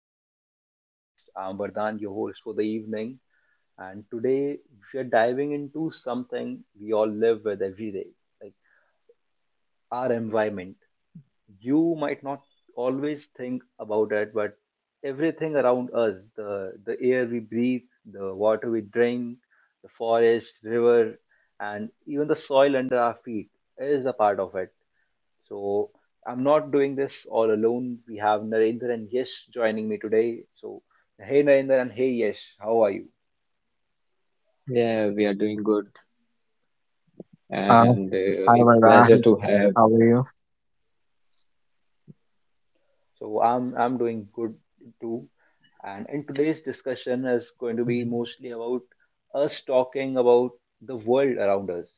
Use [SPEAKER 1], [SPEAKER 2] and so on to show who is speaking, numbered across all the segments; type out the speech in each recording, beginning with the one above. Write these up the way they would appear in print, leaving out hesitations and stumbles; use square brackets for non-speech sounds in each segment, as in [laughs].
[SPEAKER 1] back to the podcast. I'm Vardhan, your host for the evening, and today we are diving into something we all live with every day, like our environment. You might not always think about it, but everything around us, the air we breathe, the water we drink, the forest, river, and even the soil under our feet is a part of it. So I'm not doing this all alone. We have Narendra and Yesh joining me today. So hey Narendra and hey Yesh, how are you?
[SPEAKER 2] Yeah, we are doing good,
[SPEAKER 3] Uh,
[SPEAKER 2] and
[SPEAKER 3] Hi,
[SPEAKER 2] it's
[SPEAKER 3] Vedant.
[SPEAKER 2] pleasure to
[SPEAKER 3] How
[SPEAKER 2] have.
[SPEAKER 3] are you?
[SPEAKER 1] So I'm doing good too. And in today's discussion is going to be
[SPEAKER 2] Mm,
[SPEAKER 1] mostly about us talking about the world around us,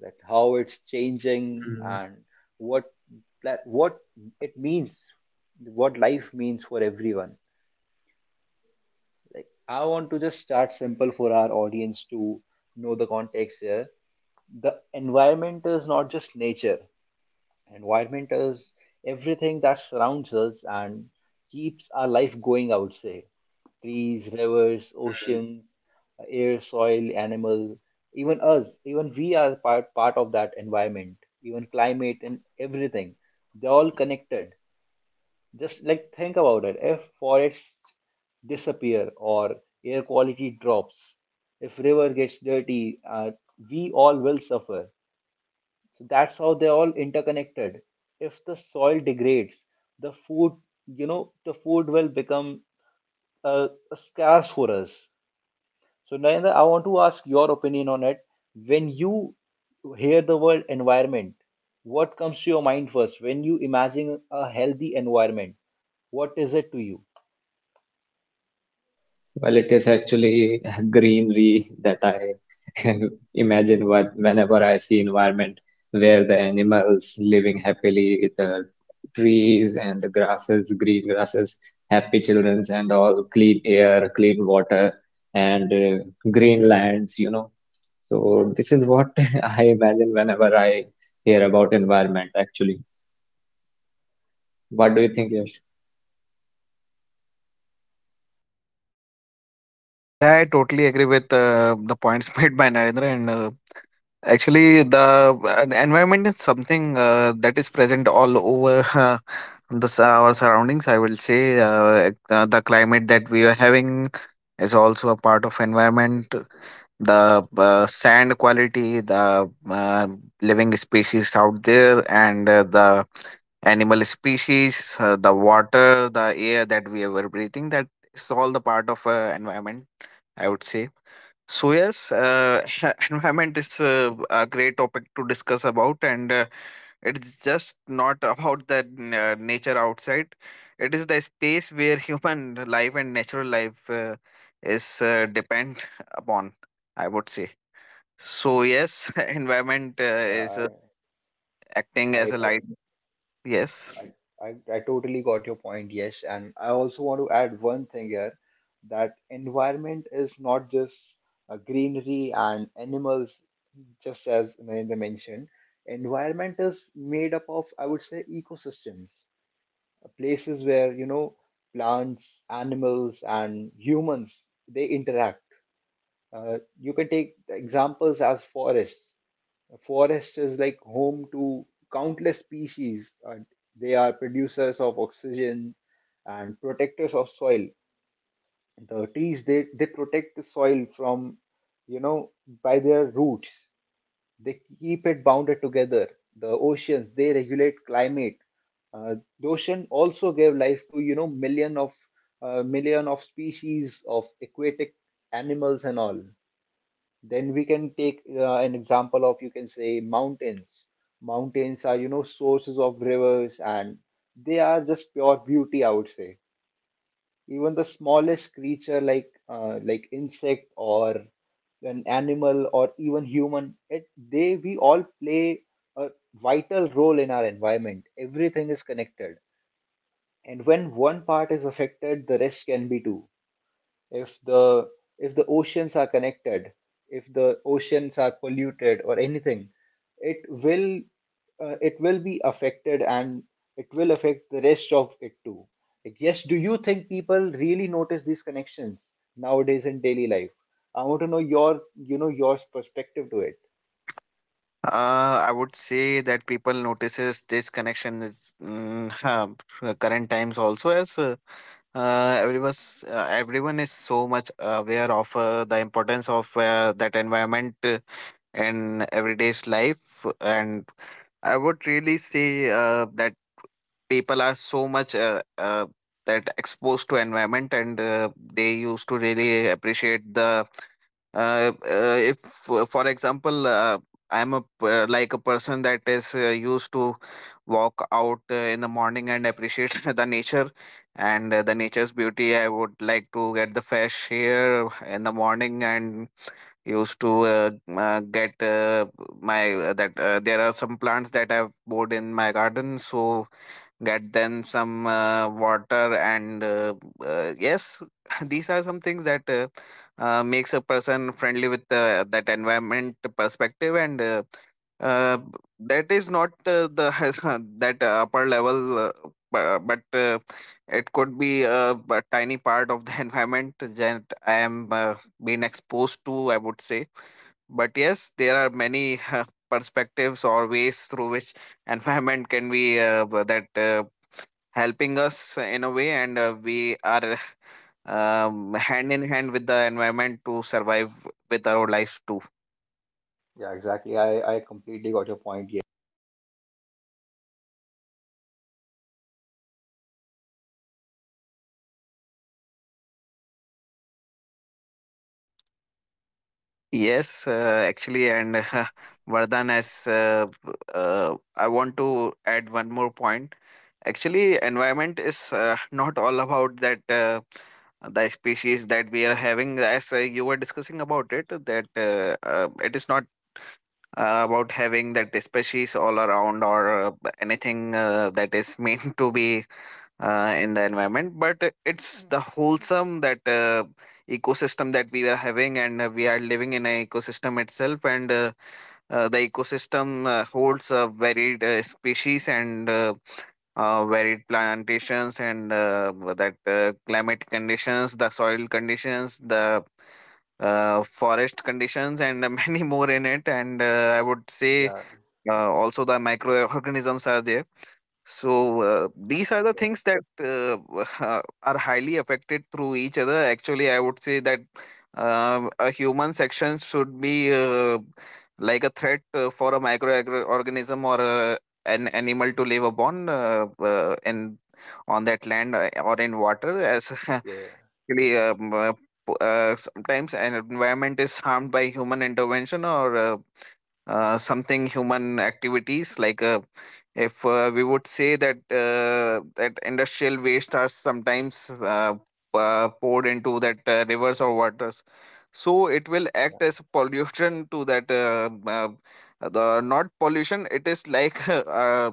[SPEAKER 1] that how it's changing and what what it means, what life means for everyone. Like I want to just start simple for our audience to know the context here. The environment is not just nature. Environment is everything that surrounds us and keeps our life going, I would say. Trees, rivers,
[SPEAKER 2] mm.
[SPEAKER 1] oceans, air, soil, animal, even us, even we are part of that environment, even climate and everything. They're all connected. Just like think about it, if forests disappear or air quality drops, if river gets dirty, we all will suffer. So that's how they're all interconnected. If the soil degrades, the food, you know, the food will become uh, scarce for us. So Narendra, I want to ask your opinion on it. When you hear the word environment, what comes to your mind first? When you imagine a healthy environment, what is it to you?
[SPEAKER 2] Well, it is actually [laughs] greenery that I [laughs] imagine what whenever I see environment, where the animals living happily with the trees and the grasses, green grasses, happy childrens and all clean air, clean water, and green lands, you know. So this is what [laughs] I imagine whenever I hear about environment, actually. What do you think, Yash?
[SPEAKER 3] Yeah, I totally agree with the points [laughs] made by Narendra. And Actually, the environment is something that is present all over [laughs] our surroundings. I will say the climate that we are having is also a part of environment. The sand quality, the living species out there, and the animal species, the water, the air that we were breathing. That is all the part of environment. I would say. So yes, [laughs] environment is a great topic to discuss about, and it's just not about the nature outside. It is the space where human life and natural life is depend upon. I would say. So yes, [laughs] environment
[SPEAKER 1] Yeah,
[SPEAKER 3] is
[SPEAKER 1] I,
[SPEAKER 3] acting as
[SPEAKER 1] I,
[SPEAKER 3] a light. Yes,
[SPEAKER 1] I, I, I totally got your point, yes. And I also want to add one thing here that environment is not just greenery and animals, just as Narendra mentioned. Environment is made up of, I would say, ecosystems, places where, you know, plants, animals, and humans they interact. You can take examples as forests. A forest is like home to countless species, and they are producers of oxygen and protectors of soil. The trees they protect the soil from, you know, by their roots. They keep it bounded together. The oceans they regulate climate. The ocean also gave life to, you know, million of species of aquatic animals and all. Then we can take an example of, you can say, mountains. Mountains are, you know, sources of rivers, and they are just pure beauty, I would say. Even the smallest creature like like insect or an animal or even human, it, they we all play a vital role in our environment. Everything is connected. And when one part is affected, the rest can be too. If the if the oceans are connected If the oceans are polluted or anything, it will, it will be affected, and it will affect the rest of it too. Like yes do you think people really notice these connections nowadays in daily life? I want to know your, you know, your perspective to it.
[SPEAKER 3] uh, I would say that people notices this connection is [laughs] current times also as. Everyone is so much aware of the importance of that environment in everyday's life, and I would really say that people are so much that exposed to environment, and they used to really appreciate the if for for example like a person that is used to walk out in the morning and appreciate [laughs] the nature, and the nature's beauty. I would like to get the fresh air in the morning, and used to get my that there are some plants that I've bought in my garden, so get them some water. And yes, [laughs] these are some things that makes a person friendly with that environment perspective, and that is not the [laughs] that upper level, bu- but it could be a tiny part of the [laughs] environment that I am being exposed to, I would say. But yes, there are many [laughs] perspectives or ways through which environment can be b- that helping us in a way, and we are hand in hand with the environment to survive with our lives too.
[SPEAKER 1] Yeah, exactly, I completely got your point. yeah
[SPEAKER 3] Yes, actually, and [laughs] vardhan has I want to add one more point. Actually, environment is not all about that the species that we are having, as you were discussing about it, that it is not about having that species all around, or anything that is meant to be in the environment, but it's the wholesome that ecosystem that we are having, and we are living in an ecosystem itself, and the ecosystem holds a varied species, and varied plantations, and that climate conditions, the soil conditions, the forest conditions, and [laughs] many more in it. And I would say
[SPEAKER 1] yeah
[SPEAKER 3] also the microorganisms are there. So these are the
[SPEAKER 1] yeah
[SPEAKER 3] things that [laughs] are highly affected through each other. Actually, I would say that a human section should be like a threat for a microorganism or an animal to live upon, in on that land or in water, as [laughs]
[SPEAKER 1] yeah
[SPEAKER 3] really, sometimes an environment is harmed by human intervention or something, human activities like if we would say that that industrial waste are sometimes poured into that rivers or waters, so it will act
[SPEAKER 1] yeah,
[SPEAKER 3] as pollution to that, the not pollution, it is like [laughs] uh,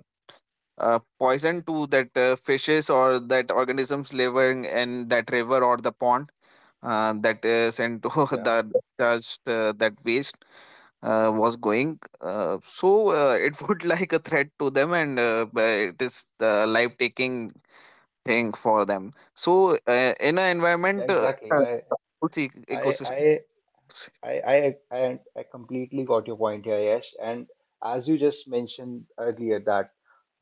[SPEAKER 3] uh, poison to that fishes or that organisms living in that river or the pond that sent into
[SPEAKER 1] yeah
[SPEAKER 3] that [laughs] touched that waste was going. Uh, so it would [laughs] like a threat to them, and it is the life taking thing for them. So in an
[SPEAKER 1] Yeah,
[SPEAKER 3] environment
[SPEAKER 1] exactly. i
[SPEAKER 3] it's
[SPEAKER 1] i
[SPEAKER 3] ecosystems.
[SPEAKER 1] i I, I, I, I completely got your point here, Yash. And as you just mentioned earlier, that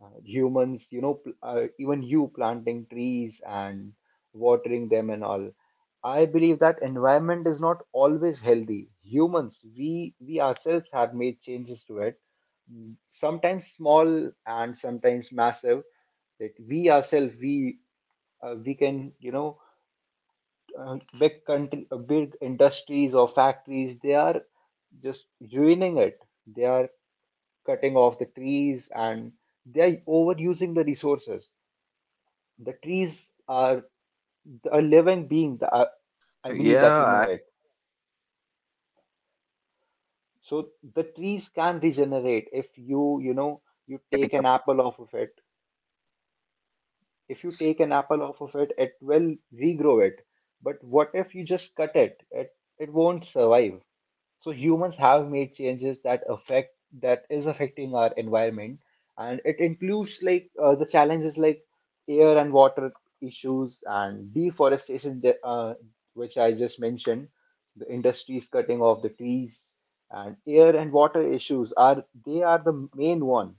[SPEAKER 1] humans, you know, even you planting trees and watering them and all, I believe that environment is not always healthy. Humans, we ourselves have made changes to it, mm, sometimes small and sometimes massive. That we ourselves, we, we can, you know, big country, big industries or factories, they are just ruining it. They are cutting off the trees, and they are overusing the resources. The trees are a living being. The, I believe that
[SPEAKER 3] Yeah,
[SPEAKER 1] you know
[SPEAKER 3] I
[SPEAKER 1] it.
[SPEAKER 3] would t- uh, really appreciate, and
[SPEAKER 1] So the trees can
[SPEAKER 3] [laughs] I would
[SPEAKER 1] regenerate
[SPEAKER 3] like
[SPEAKER 1] if
[SPEAKER 3] to
[SPEAKER 1] you,
[SPEAKER 3] thank
[SPEAKER 1] you know, you
[SPEAKER 3] highlighting
[SPEAKER 1] take an
[SPEAKER 3] the.
[SPEAKER 1] apple off of it if you take an apple off of it, it will regrow it. But what if you just cut it? It won't survive. So humans have made changes that affect that is affecting our environment, and it includes like the challenges like air and water issues and deforestation, that, which I just mentioned. The industries cutting off the trees, and air and water issues are, they are the main one.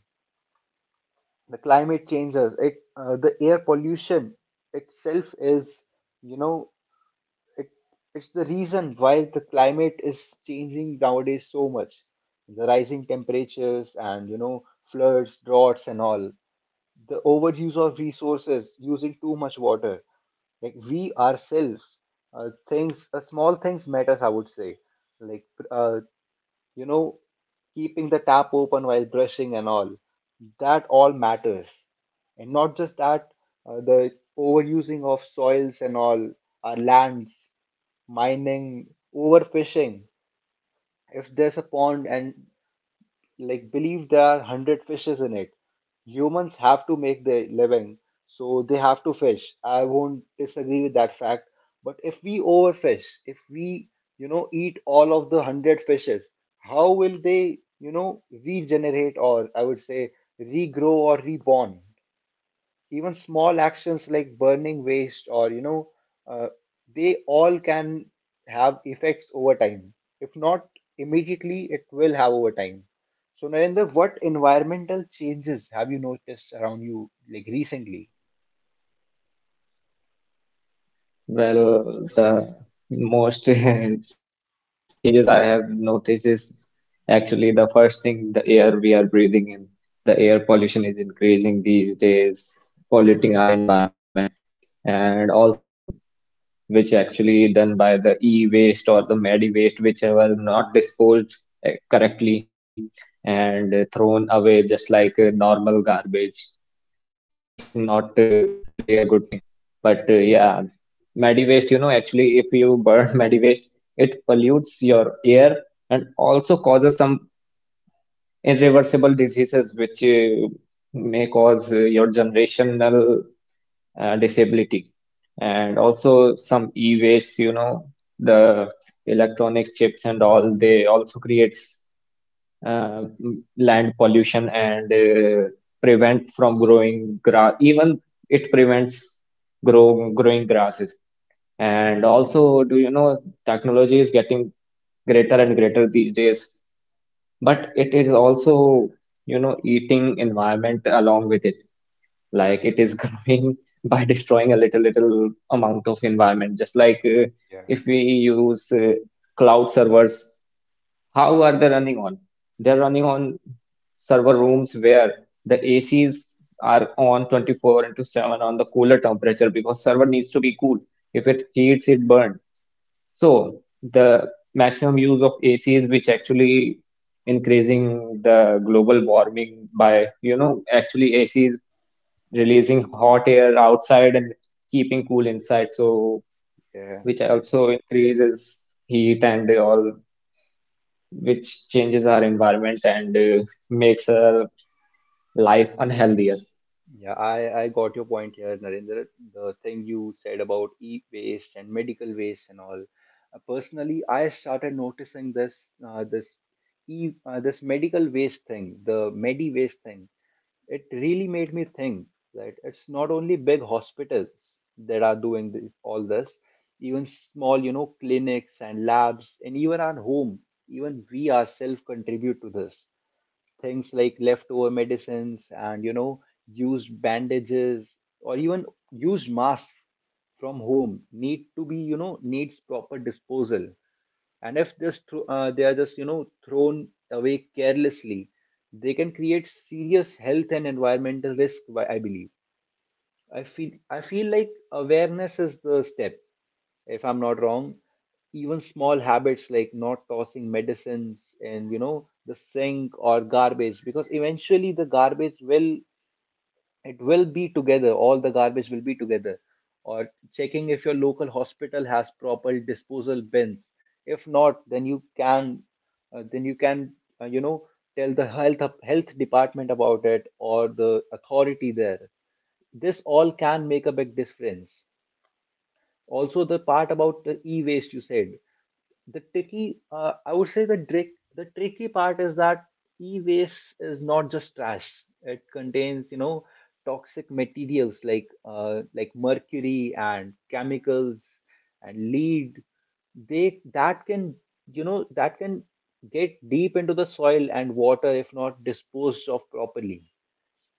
[SPEAKER 1] The climate changes it, the air pollution itself is, you know, it, it's the reason why the climate is changing nowadays so much. The rising temperatures and, you know, floods, droughts, and all, the overuse of resources, using too much water, like we ourselves, things, small things matters, I would say. Like uh, you know, keeping the tap open while brushing and all. That all matters. And not just that, the overusing of soils and all, our lands, mining, overfishing. If there's a pond and like believe there are 100 fishes in it, humans have to make their living so they have to fish. I won't disagree with that fact. But if we overfish, if we, you know, eat all of the 100 fishes, how will they, you know, regenerate or, I would say, regrow or reborn. Even small actions like burning waste or, you know, uh, they all can have effects over time. If not immediately, it will have over time. So Narendra, what environmental changes have you noticed around you, like recently?
[SPEAKER 2] Well, the most [laughs] changes I have noticed is actually the first thing, the air we are breathing in. The air pollution is increasing these days, polluting our environment, and also the land pollution, which actually done by the e-waste or the medi waste, whichever not disposed correctly and thrown away just like a normal garbage, which is not really a good thing. But yeah, medi waste, you know, actually, if you burn [laughs] medi waste, it pollutes your air and also causes some irreversible diseases which may cause your generational disability. And also some e-waste, you know, the electronics chips and all, they also creates land pollution and prevent from growing grass. Even it prevents growing grasses. And also, do you, technology is getting greater and greater these days, but it is also, you know, eating environment along with it. Like it is [laughs] growing by destroying a little, little amount of environment. Just like
[SPEAKER 1] Yeah,
[SPEAKER 2] if we use cloud servers, how are they running on? They're running on server rooms where the ACs are on 24 into 7 on the cooler temperature because server needs to be cool. If it heats, it burns, so the maximum use of AC is which actually increasing the global warming by, you know, actually AC is releasing hot air outside and keeping cool inside. So
[SPEAKER 1] yeah.
[SPEAKER 2] which also increases heat and all, which changes our environment and makes our life unhealthier.
[SPEAKER 1] Yeah, I got your point here, Narendra. The thing you said about e-waste and medical waste and all. Personally, I started noticing this this e this medical waste thing, the medi waste thing. It really made me think that it's not only big hospitals that are doing this, all this, even small, you know, clinics and labs, and even our home, even we ourselves contribute to this, things like leftover medicines and, you know, used bandages or even used masks from home need to be, you know, needs proper disposal. And if this, they are just, you know, thrown away carelessly, they can create serious health and environmental risk, I believe. I feel like awareness is the step. If I'm not wrong, even small habits like not tossing medicines and, you know, the sink or garbage, because eventually the garbage will, it will be together, all the garbage will be together, or checking if your local hospital has proper disposal bins. If not, then you can, then you can, you know, tell the health department about it or the authority there. This all can make a big difference. Also, the part about the e-waste you said, the tricky, I would say the trick, the tricky part is that e-waste is not just trash. It contains, you know, toxic materials like like mercury and chemicals and lead. They that can, you know, that can get deep into the soil and water if not disposed of properly.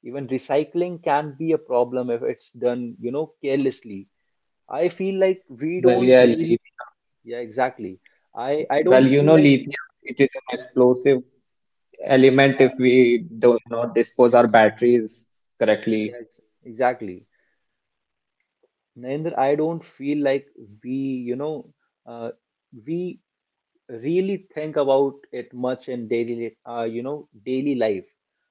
[SPEAKER 1] Even recycling can be a problem if it's done, you know, carelessly. I feel like we
[SPEAKER 2] Well,
[SPEAKER 1] don't
[SPEAKER 2] yeah,
[SPEAKER 1] really,
[SPEAKER 2] lithium.
[SPEAKER 1] yeah, exactly. I
[SPEAKER 2] Well,
[SPEAKER 1] don't
[SPEAKER 2] you
[SPEAKER 1] feel
[SPEAKER 2] know,
[SPEAKER 1] like,
[SPEAKER 2] lithium, it is an explosive element if
[SPEAKER 1] uh,
[SPEAKER 2] we do not dispose our batteries correctly.
[SPEAKER 1] yes, exactly. Narendra, I don't feel like we, you know, uh, we really think about it much in daily, you know, daily life.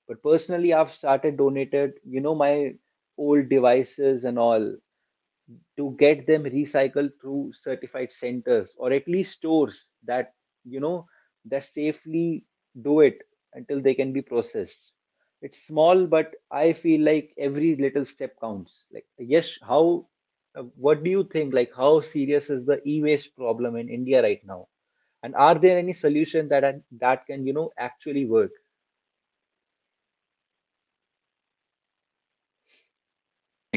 [SPEAKER 1] But personally, I've started donated, you know, my old devices and all, to get them recycled through certified centers or at least stores that, you know, that safely do it until they can be processed. It's small, but I feel like every little step counts. Like yes how what do you think, like how serious is the e-waste problem in India right now, and are there any solution that that can, you know, actually work?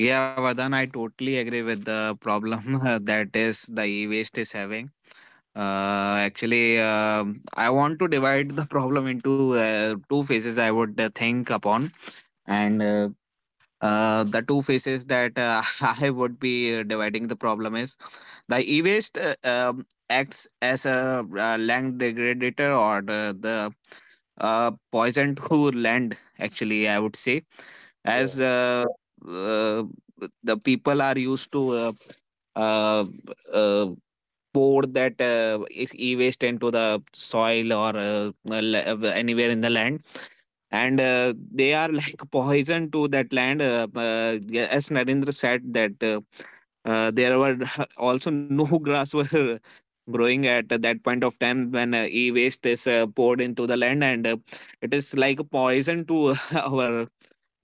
[SPEAKER 3] Yeah, Vardhan, I totally agree with the problem [laughs] that is the e-waste is having. Actually, I want to divide the problem into two phases I would think upon, and the two phases that [laughs] I would be dividing the problem is the e-waste acts as a land degradator, or the poison to land. Actually, I would say, as
[SPEAKER 1] yeah
[SPEAKER 3] uh, the people are used to uh, uh, pour that e-waste into the soil or anywhere in the land, and they are like [laughs] poison to that land. Yeah, as Narendra said that there were [laughs] also no grass were [laughs] growing at that point of time when e-waste is poured into the land, and it is like a poison to [laughs] our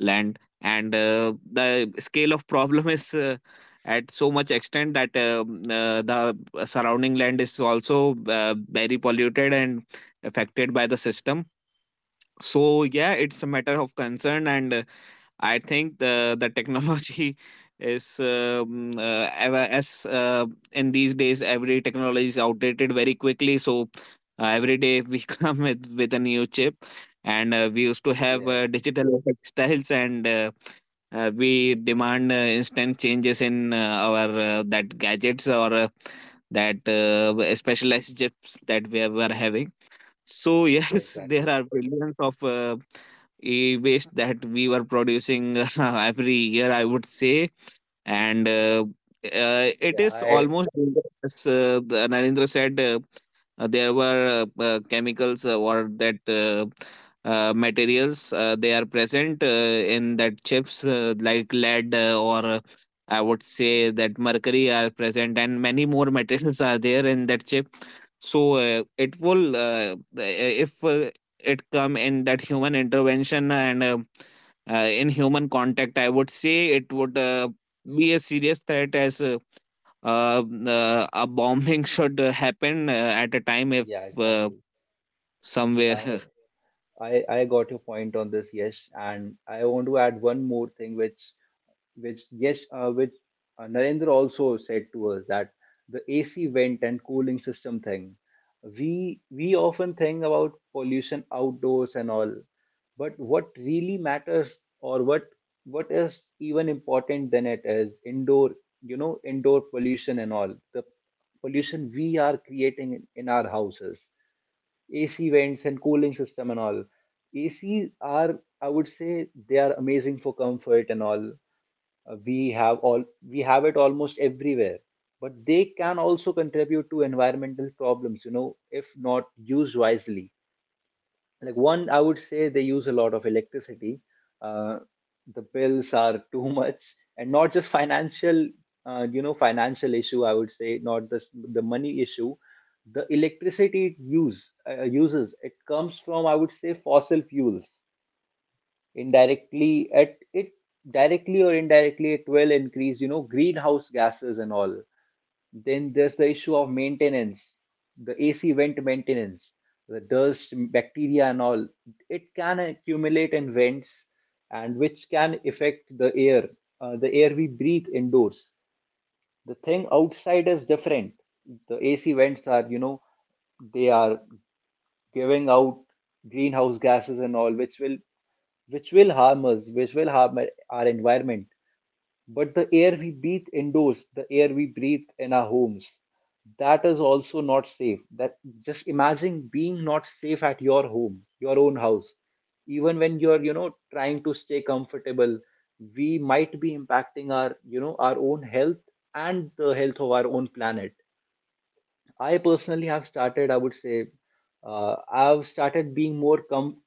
[SPEAKER 3] land. And the scale of problem is at so much extent that the surrounding land is also very polluted and affected by the system. So yeah, it's a matter of concern. And I think the technology [laughs] is, ever- as in these days every technology is outdated very quickly. So every day we [laughs] come with a new chip, and we used to have
[SPEAKER 1] yeah
[SPEAKER 3] digital [laughs] effect styles, and we demand instant changes in our that gadgets, or that specialized chips that we were having. So yes, [laughs] there
[SPEAKER 1] Exactly.
[SPEAKER 3] are billions of e waste that we were producing [laughs] every year, I would say, and it
[SPEAKER 1] yeah
[SPEAKER 3] is
[SPEAKER 1] I
[SPEAKER 3] almost, as the Narendra said, there were chemicals or that materials they are present in that chips like lead or I would say that mercury are present, and many more [laughs] materials are there in that chip. So it will if it come in that human intervention, and in human contact, I would say, it would be a serious threat as a bombing [laughs] should happen at a time if
[SPEAKER 1] yeah
[SPEAKER 3] uh,
[SPEAKER 1] Exactly.
[SPEAKER 3] somewhere.
[SPEAKER 1] i
[SPEAKER 3] [laughs]
[SPEAKER 1] I I got your point on this, yes, and I want to add one more thing, which yes, which, Narendra also said to us, that the AC vent and cooling system thing. We often think about pollution outdoors and all, but what really matters or what is even important than it is indoor, you know, indoor pollution and all, the pollution we are creating in our houses, AC vents and cooling system and all. ACs are, I would say, they are amazing for comfort and all. Uh, we have all we have it almost everywhere, but they can also contribute to environmental problems. You know, if not used wisely, like one, I would say they use a lot of electricity. uh, the bills are [laughs] too much, and not just financial. Uh, you know financial issue I would say not this The money issue. The electricity it uses it comes from, I would say, fossil fuels. Indirectly at it Directly or indirectly, it will increase, you know, greenhouse gases and all. Then there's the issue of maintenance, the AC vent maintenance. The dust, bacteria and all, it can accumulate in vents, and which can affect the air, the air we breathe indoors. The thing outside is different. The AC vents are, you know, they are giving out greenhouse gases and all, which will harm us, which will harm our environment. But the air we breathe indoors, the air we breathe in our homes, that is also not safe. That, just imagine being not safe at your home, your own house. Even when you're, you know, trying to stay comfortable, we might be impacting our, you know, our own health and the health of our own planet. I personally have started, I would say, I've started being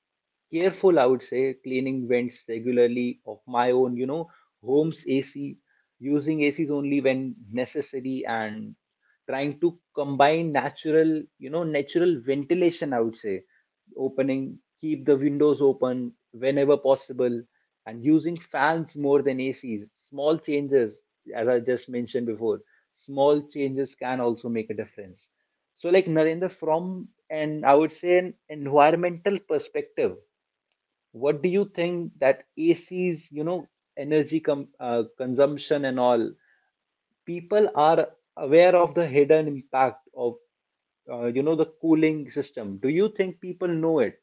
[SPEAKER 1] careful, I would say, cleaning vents regularly of my own, you know, home's AC, using ACs only when necessary, and trying to combine natural, you know, natural ventilation, I would say, opening, keep the windows open whenever possible, and using fans more than ACs. Small changes, as I just mentioned before, small changes can also make a difference. So, like Narendra, from an, I would say, an environmental perspective, what do you think that ACs, you know, energy consumption and all, people are aware of the hidden impact of, you know, the cooling system? Do you think people know it?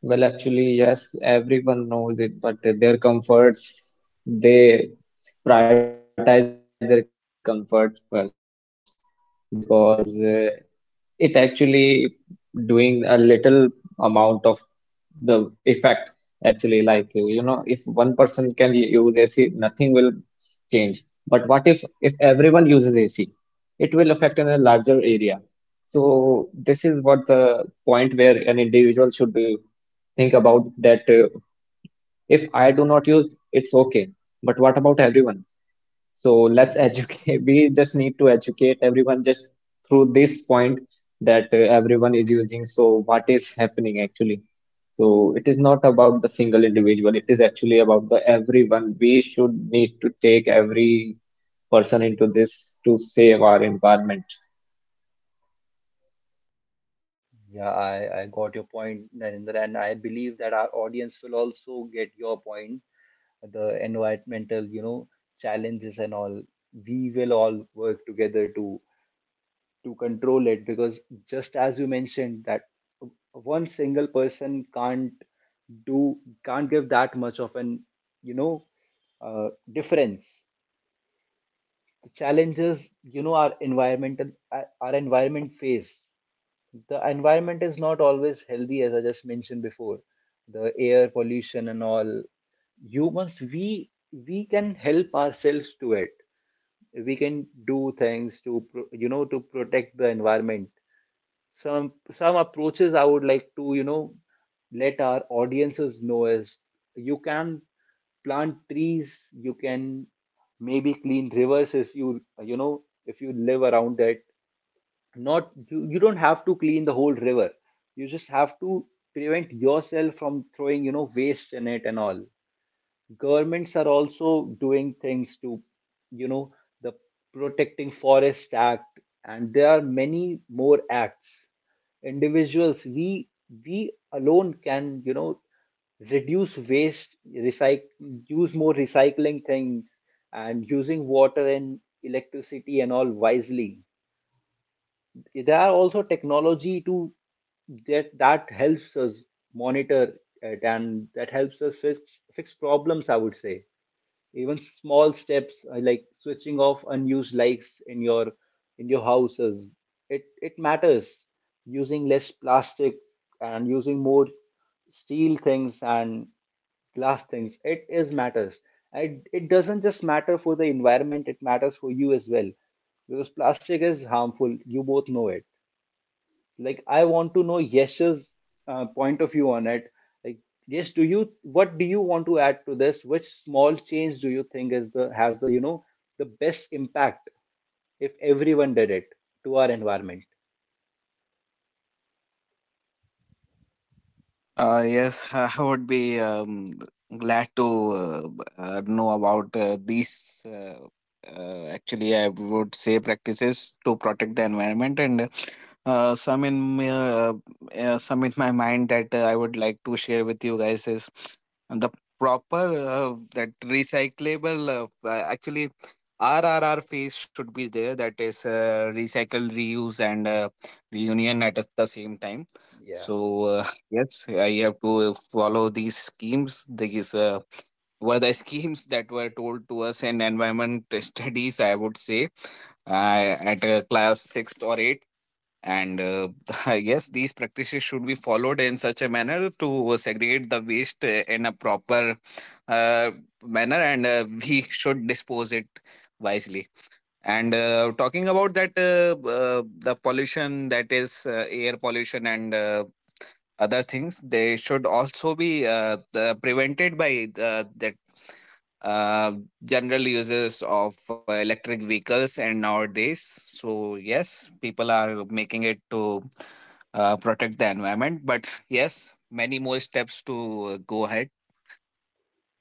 [SPEAKER 2] Well, actually, yes, everyone knows it, but their comforts, they prioritize their comfort first because it actually doing a little amount of the effect. Actually, like, you know, if one person can use AC, nothing will change. But what if everyone uses AC? It will affect in a larger area. So this is what should be think about, that if I do not use, it's okay. But what about everyone? So let's educate. [laughs] We just need to educate everyone just through this point, that everyone is using. So what is happening actually? So it is not about the single individual. It is actually about the everyone. We should need to take every person into this to save our environment.
[SPEAKER 1] Yeah, I got your point, Narendra, and I believe that our audience will also get your point, the environmental, you know, challenges and all. We will all work together to control it, because just as you mentioned that one single person can't do, can't give that much of an, you know, difference. The challenges, you know, our environmental, our environment face, the environment is not always healthy, as I just mentioned before, the air pollution and all. Humans, we can help ourselves to it, we can do things to you know, to protect the environment. Some approaches I would like to, you know, let our audiences know is, you can plant trees, you can maybe clean rivers if you, you know, if you live around it. Not you, you don't have to clean the whole river, you just have to prevent yourself from throwing, you know, waste in it and all. Governments are also doing things to, you know, the protecting forest act, and there are many more acts. Individuals, we alone can, you know, reduce waste, recycle, use more recycling things, and using water and electricity and all wisely. There are also technology to that helps us monitor it, and that helps us fix problems, I would say. Even small steps, like switching off unused lights in your houses, it matters. Using less plastic and using more steel things and glass things, it is matters. It doesn't just matter for the environment, it matters for you as well, because plastic is harmful, you both know it. Like, I want to know Yesh's point of view on it. Like Yesh, do you what do you want to add to this? Which small change do you think is the has the, you know, the best impact if everyone did it to our environment?
[SPEAKER 3] Yes, [laughs] I would be glad to know about these. Actually, I would say, practices to protect the environment, and uh, some in my, uh, some in my mind that I would like to share with you guys is the proper that recyclable. Actually, RRR phase should be there. That is recycle, reuse, and reunion at the same time.
[SPEAKER 1] Yeah.
[SPEAKER 3] So yes, I have to follow these schemes. These were the schemes that were told to us in environment [laughs] studies, I would say, at class sixth or eighth. And [laughs] yes, these practices should be followed in such a manner, to segregate the waste in a proper uh, manner, and [laughs] we should dispose it wisely. And talking about that, the pollution, that is air pollution and other things, they should also be prevented by that uh, general uses of electric vehicles and nowadays. So yes, people are making it to protect the environment, but yes, many more steps to go ahead.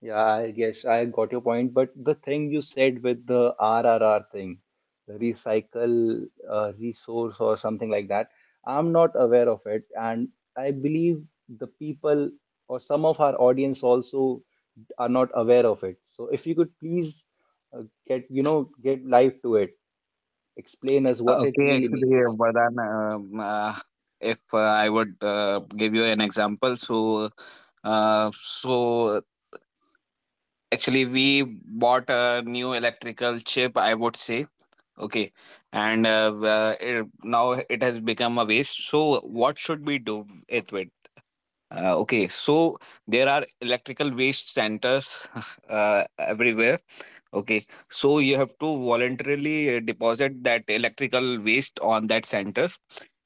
[SPEAKER 1] Yeah, I guess I got your point. But the thing you said with the RRR thing, the recycle, resource or something like that, I'm not aware of it. And I believe the people, or some of our audience also, are not aware of it. So if you could please uh, get, you know, get live to it, explain us what it
[SPEAKER 3] Okay,
[SPEAKER 1] really
[SPEAKER 3] actually,
[SPEAKER 1] means.
[SPEAKER 3] Vardhan, if I would give you an example, so actually, we bought a new electrical chip, I would say. Okay, and now it has become a waste. So, what should we do it with? Okay, so there are electrical waste centers [laughs] everywhere. Okay, so you have to voluntarily deposit that electrical waste on that centers.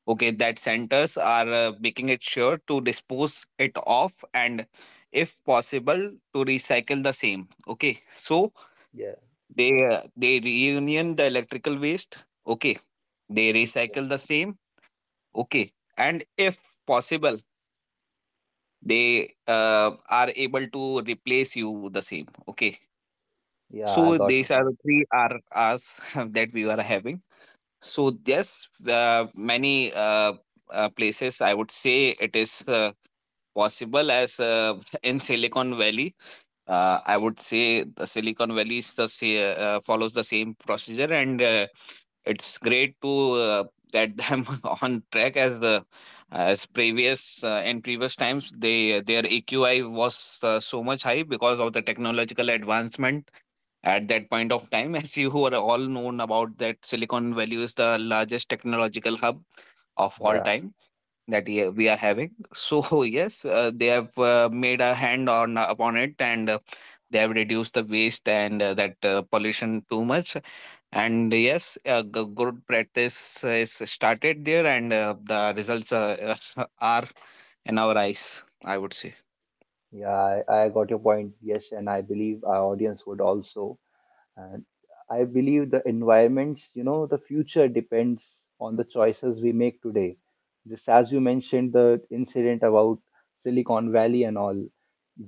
[SPEAKER 3] Okay, that centers are making it sure to dispose it off and, if possible, to recycle the same. Okay, so
[SPEAKER 1] Yeah.
[SPEAKER 3] they reunion the electrical waste. Okay, they recycle the
[SPEAKER 1] Yes.
[SPEAKER 3] same. Okay, and if possible, they are able to replace you the same. Okay,
[SPEAKER 1] Yeah, I
[SPEAKER 3] so
[SPEAKER 1] got your
[SPEAKER 3] these are the
[SPEAKER 1] point.
[SPEAKER 3] three R R's [laughs] that we are having. So yes, many places, I would say, it is possible, as [laughs] in Silicon Valley. I would say the Silicon Valley is the follows the same procedure, and it's great to get them [laughs] on track, as previous, in previous times. They Their AQI was so much high because of the technological advancement at that point of time. [laughs] As you are all known about that, Silicon Valley is the largest technological hub of all
[SPEAKER 1] Yeah,
[SPEAKER 3] time that, yeah, we are having. So [laughs] yes, they have made a hand on upon it, and they have reduced the waste, and that pollution too much. And yes, good practice is started there, and the results [laughs] are in our eyes, I would say.
[SPEAKER 1] yeah, I got your point. Yes, and I believe our audience would also. And I believe the environments, you know, the future depends on the choices we make today. Just as you mentioned, the incident about Silicon Valley and all,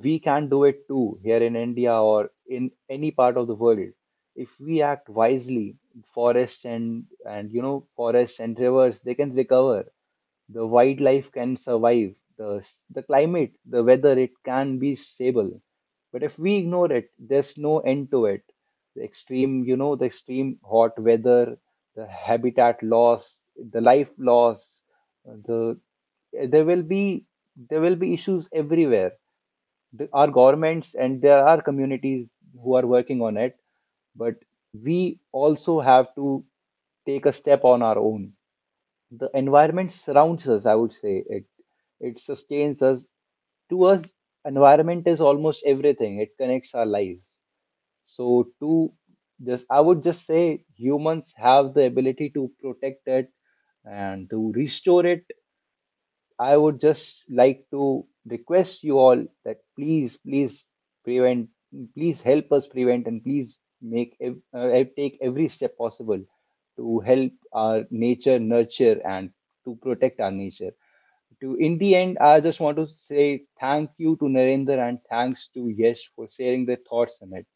[SPEAKER 1] we can do it too here in India or in any part of the world. If we act wisely, forests and, you know, forests and rivers, they can recover, the wildlife can survive, the climate, the weather, it can be stable. But if we ignore it, there's no end to it. The extreme, you know, the extreme hot weather, the habitat loss, the life loss, uh, the there will be, there will be issues everywhere. The, our governments, and there are communities who are working on it, but we also have to take a step on our own. The environment surrounds us, I would say it, it sustains us. To us, environment is almost everything, it connects our lives. So to, just I would just say, humans have the ability to protect it and to restore it. I would just like to request you all that please, please prevent, please help us prevent, and please take every step possible to help our nature nurture and to protect our nature. To in the end, I just want to say thank you to Narendra and thanks to Yesh for sharing their thoughts on it.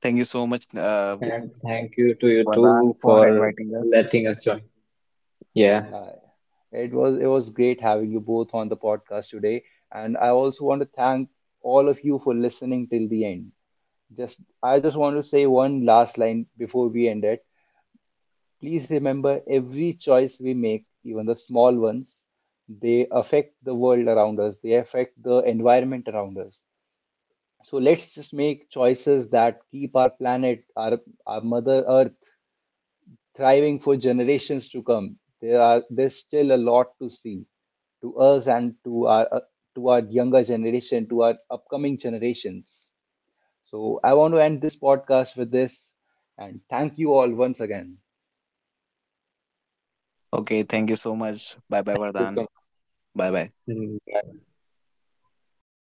[SPEAKER 3] Thank you so much,
[SPEAKER 2] And thank you to you
[SPEAKER 3] Vardhan,
[SPEAKER 2] too
[SPEAKER 3] for
[SPEAKER 2] for
[SPEAKER 3] inviting us.
[SPEAKER 2] letting us join. Yeah,
[SPEAKER 1] Uh, it was it was great having you both on the podcast today, and I also want to thank all of you for listening till the end. Just, I just want to say one last line before we end it. Please remember, every choice we make, even the small ones, they affect the world around us, they affect the environment around us. So let's just make choices that keep our planet, our Mother Earth, thriving for generations to come. There are, there's still a lot to see to us and to our younger generation, to our upcoming generations. So I want to end this podcast with this and thank you all once again.
[SPEAKER 3] Okay, thank you so much. Bye bye,
[SPEAKER 2] thank you
[SPEAKER 3] Vardhan.
[SPEAKER 2] so much.
[SPEAKER 3] Bye bye.
[SPEAKER 2] Mm, bye.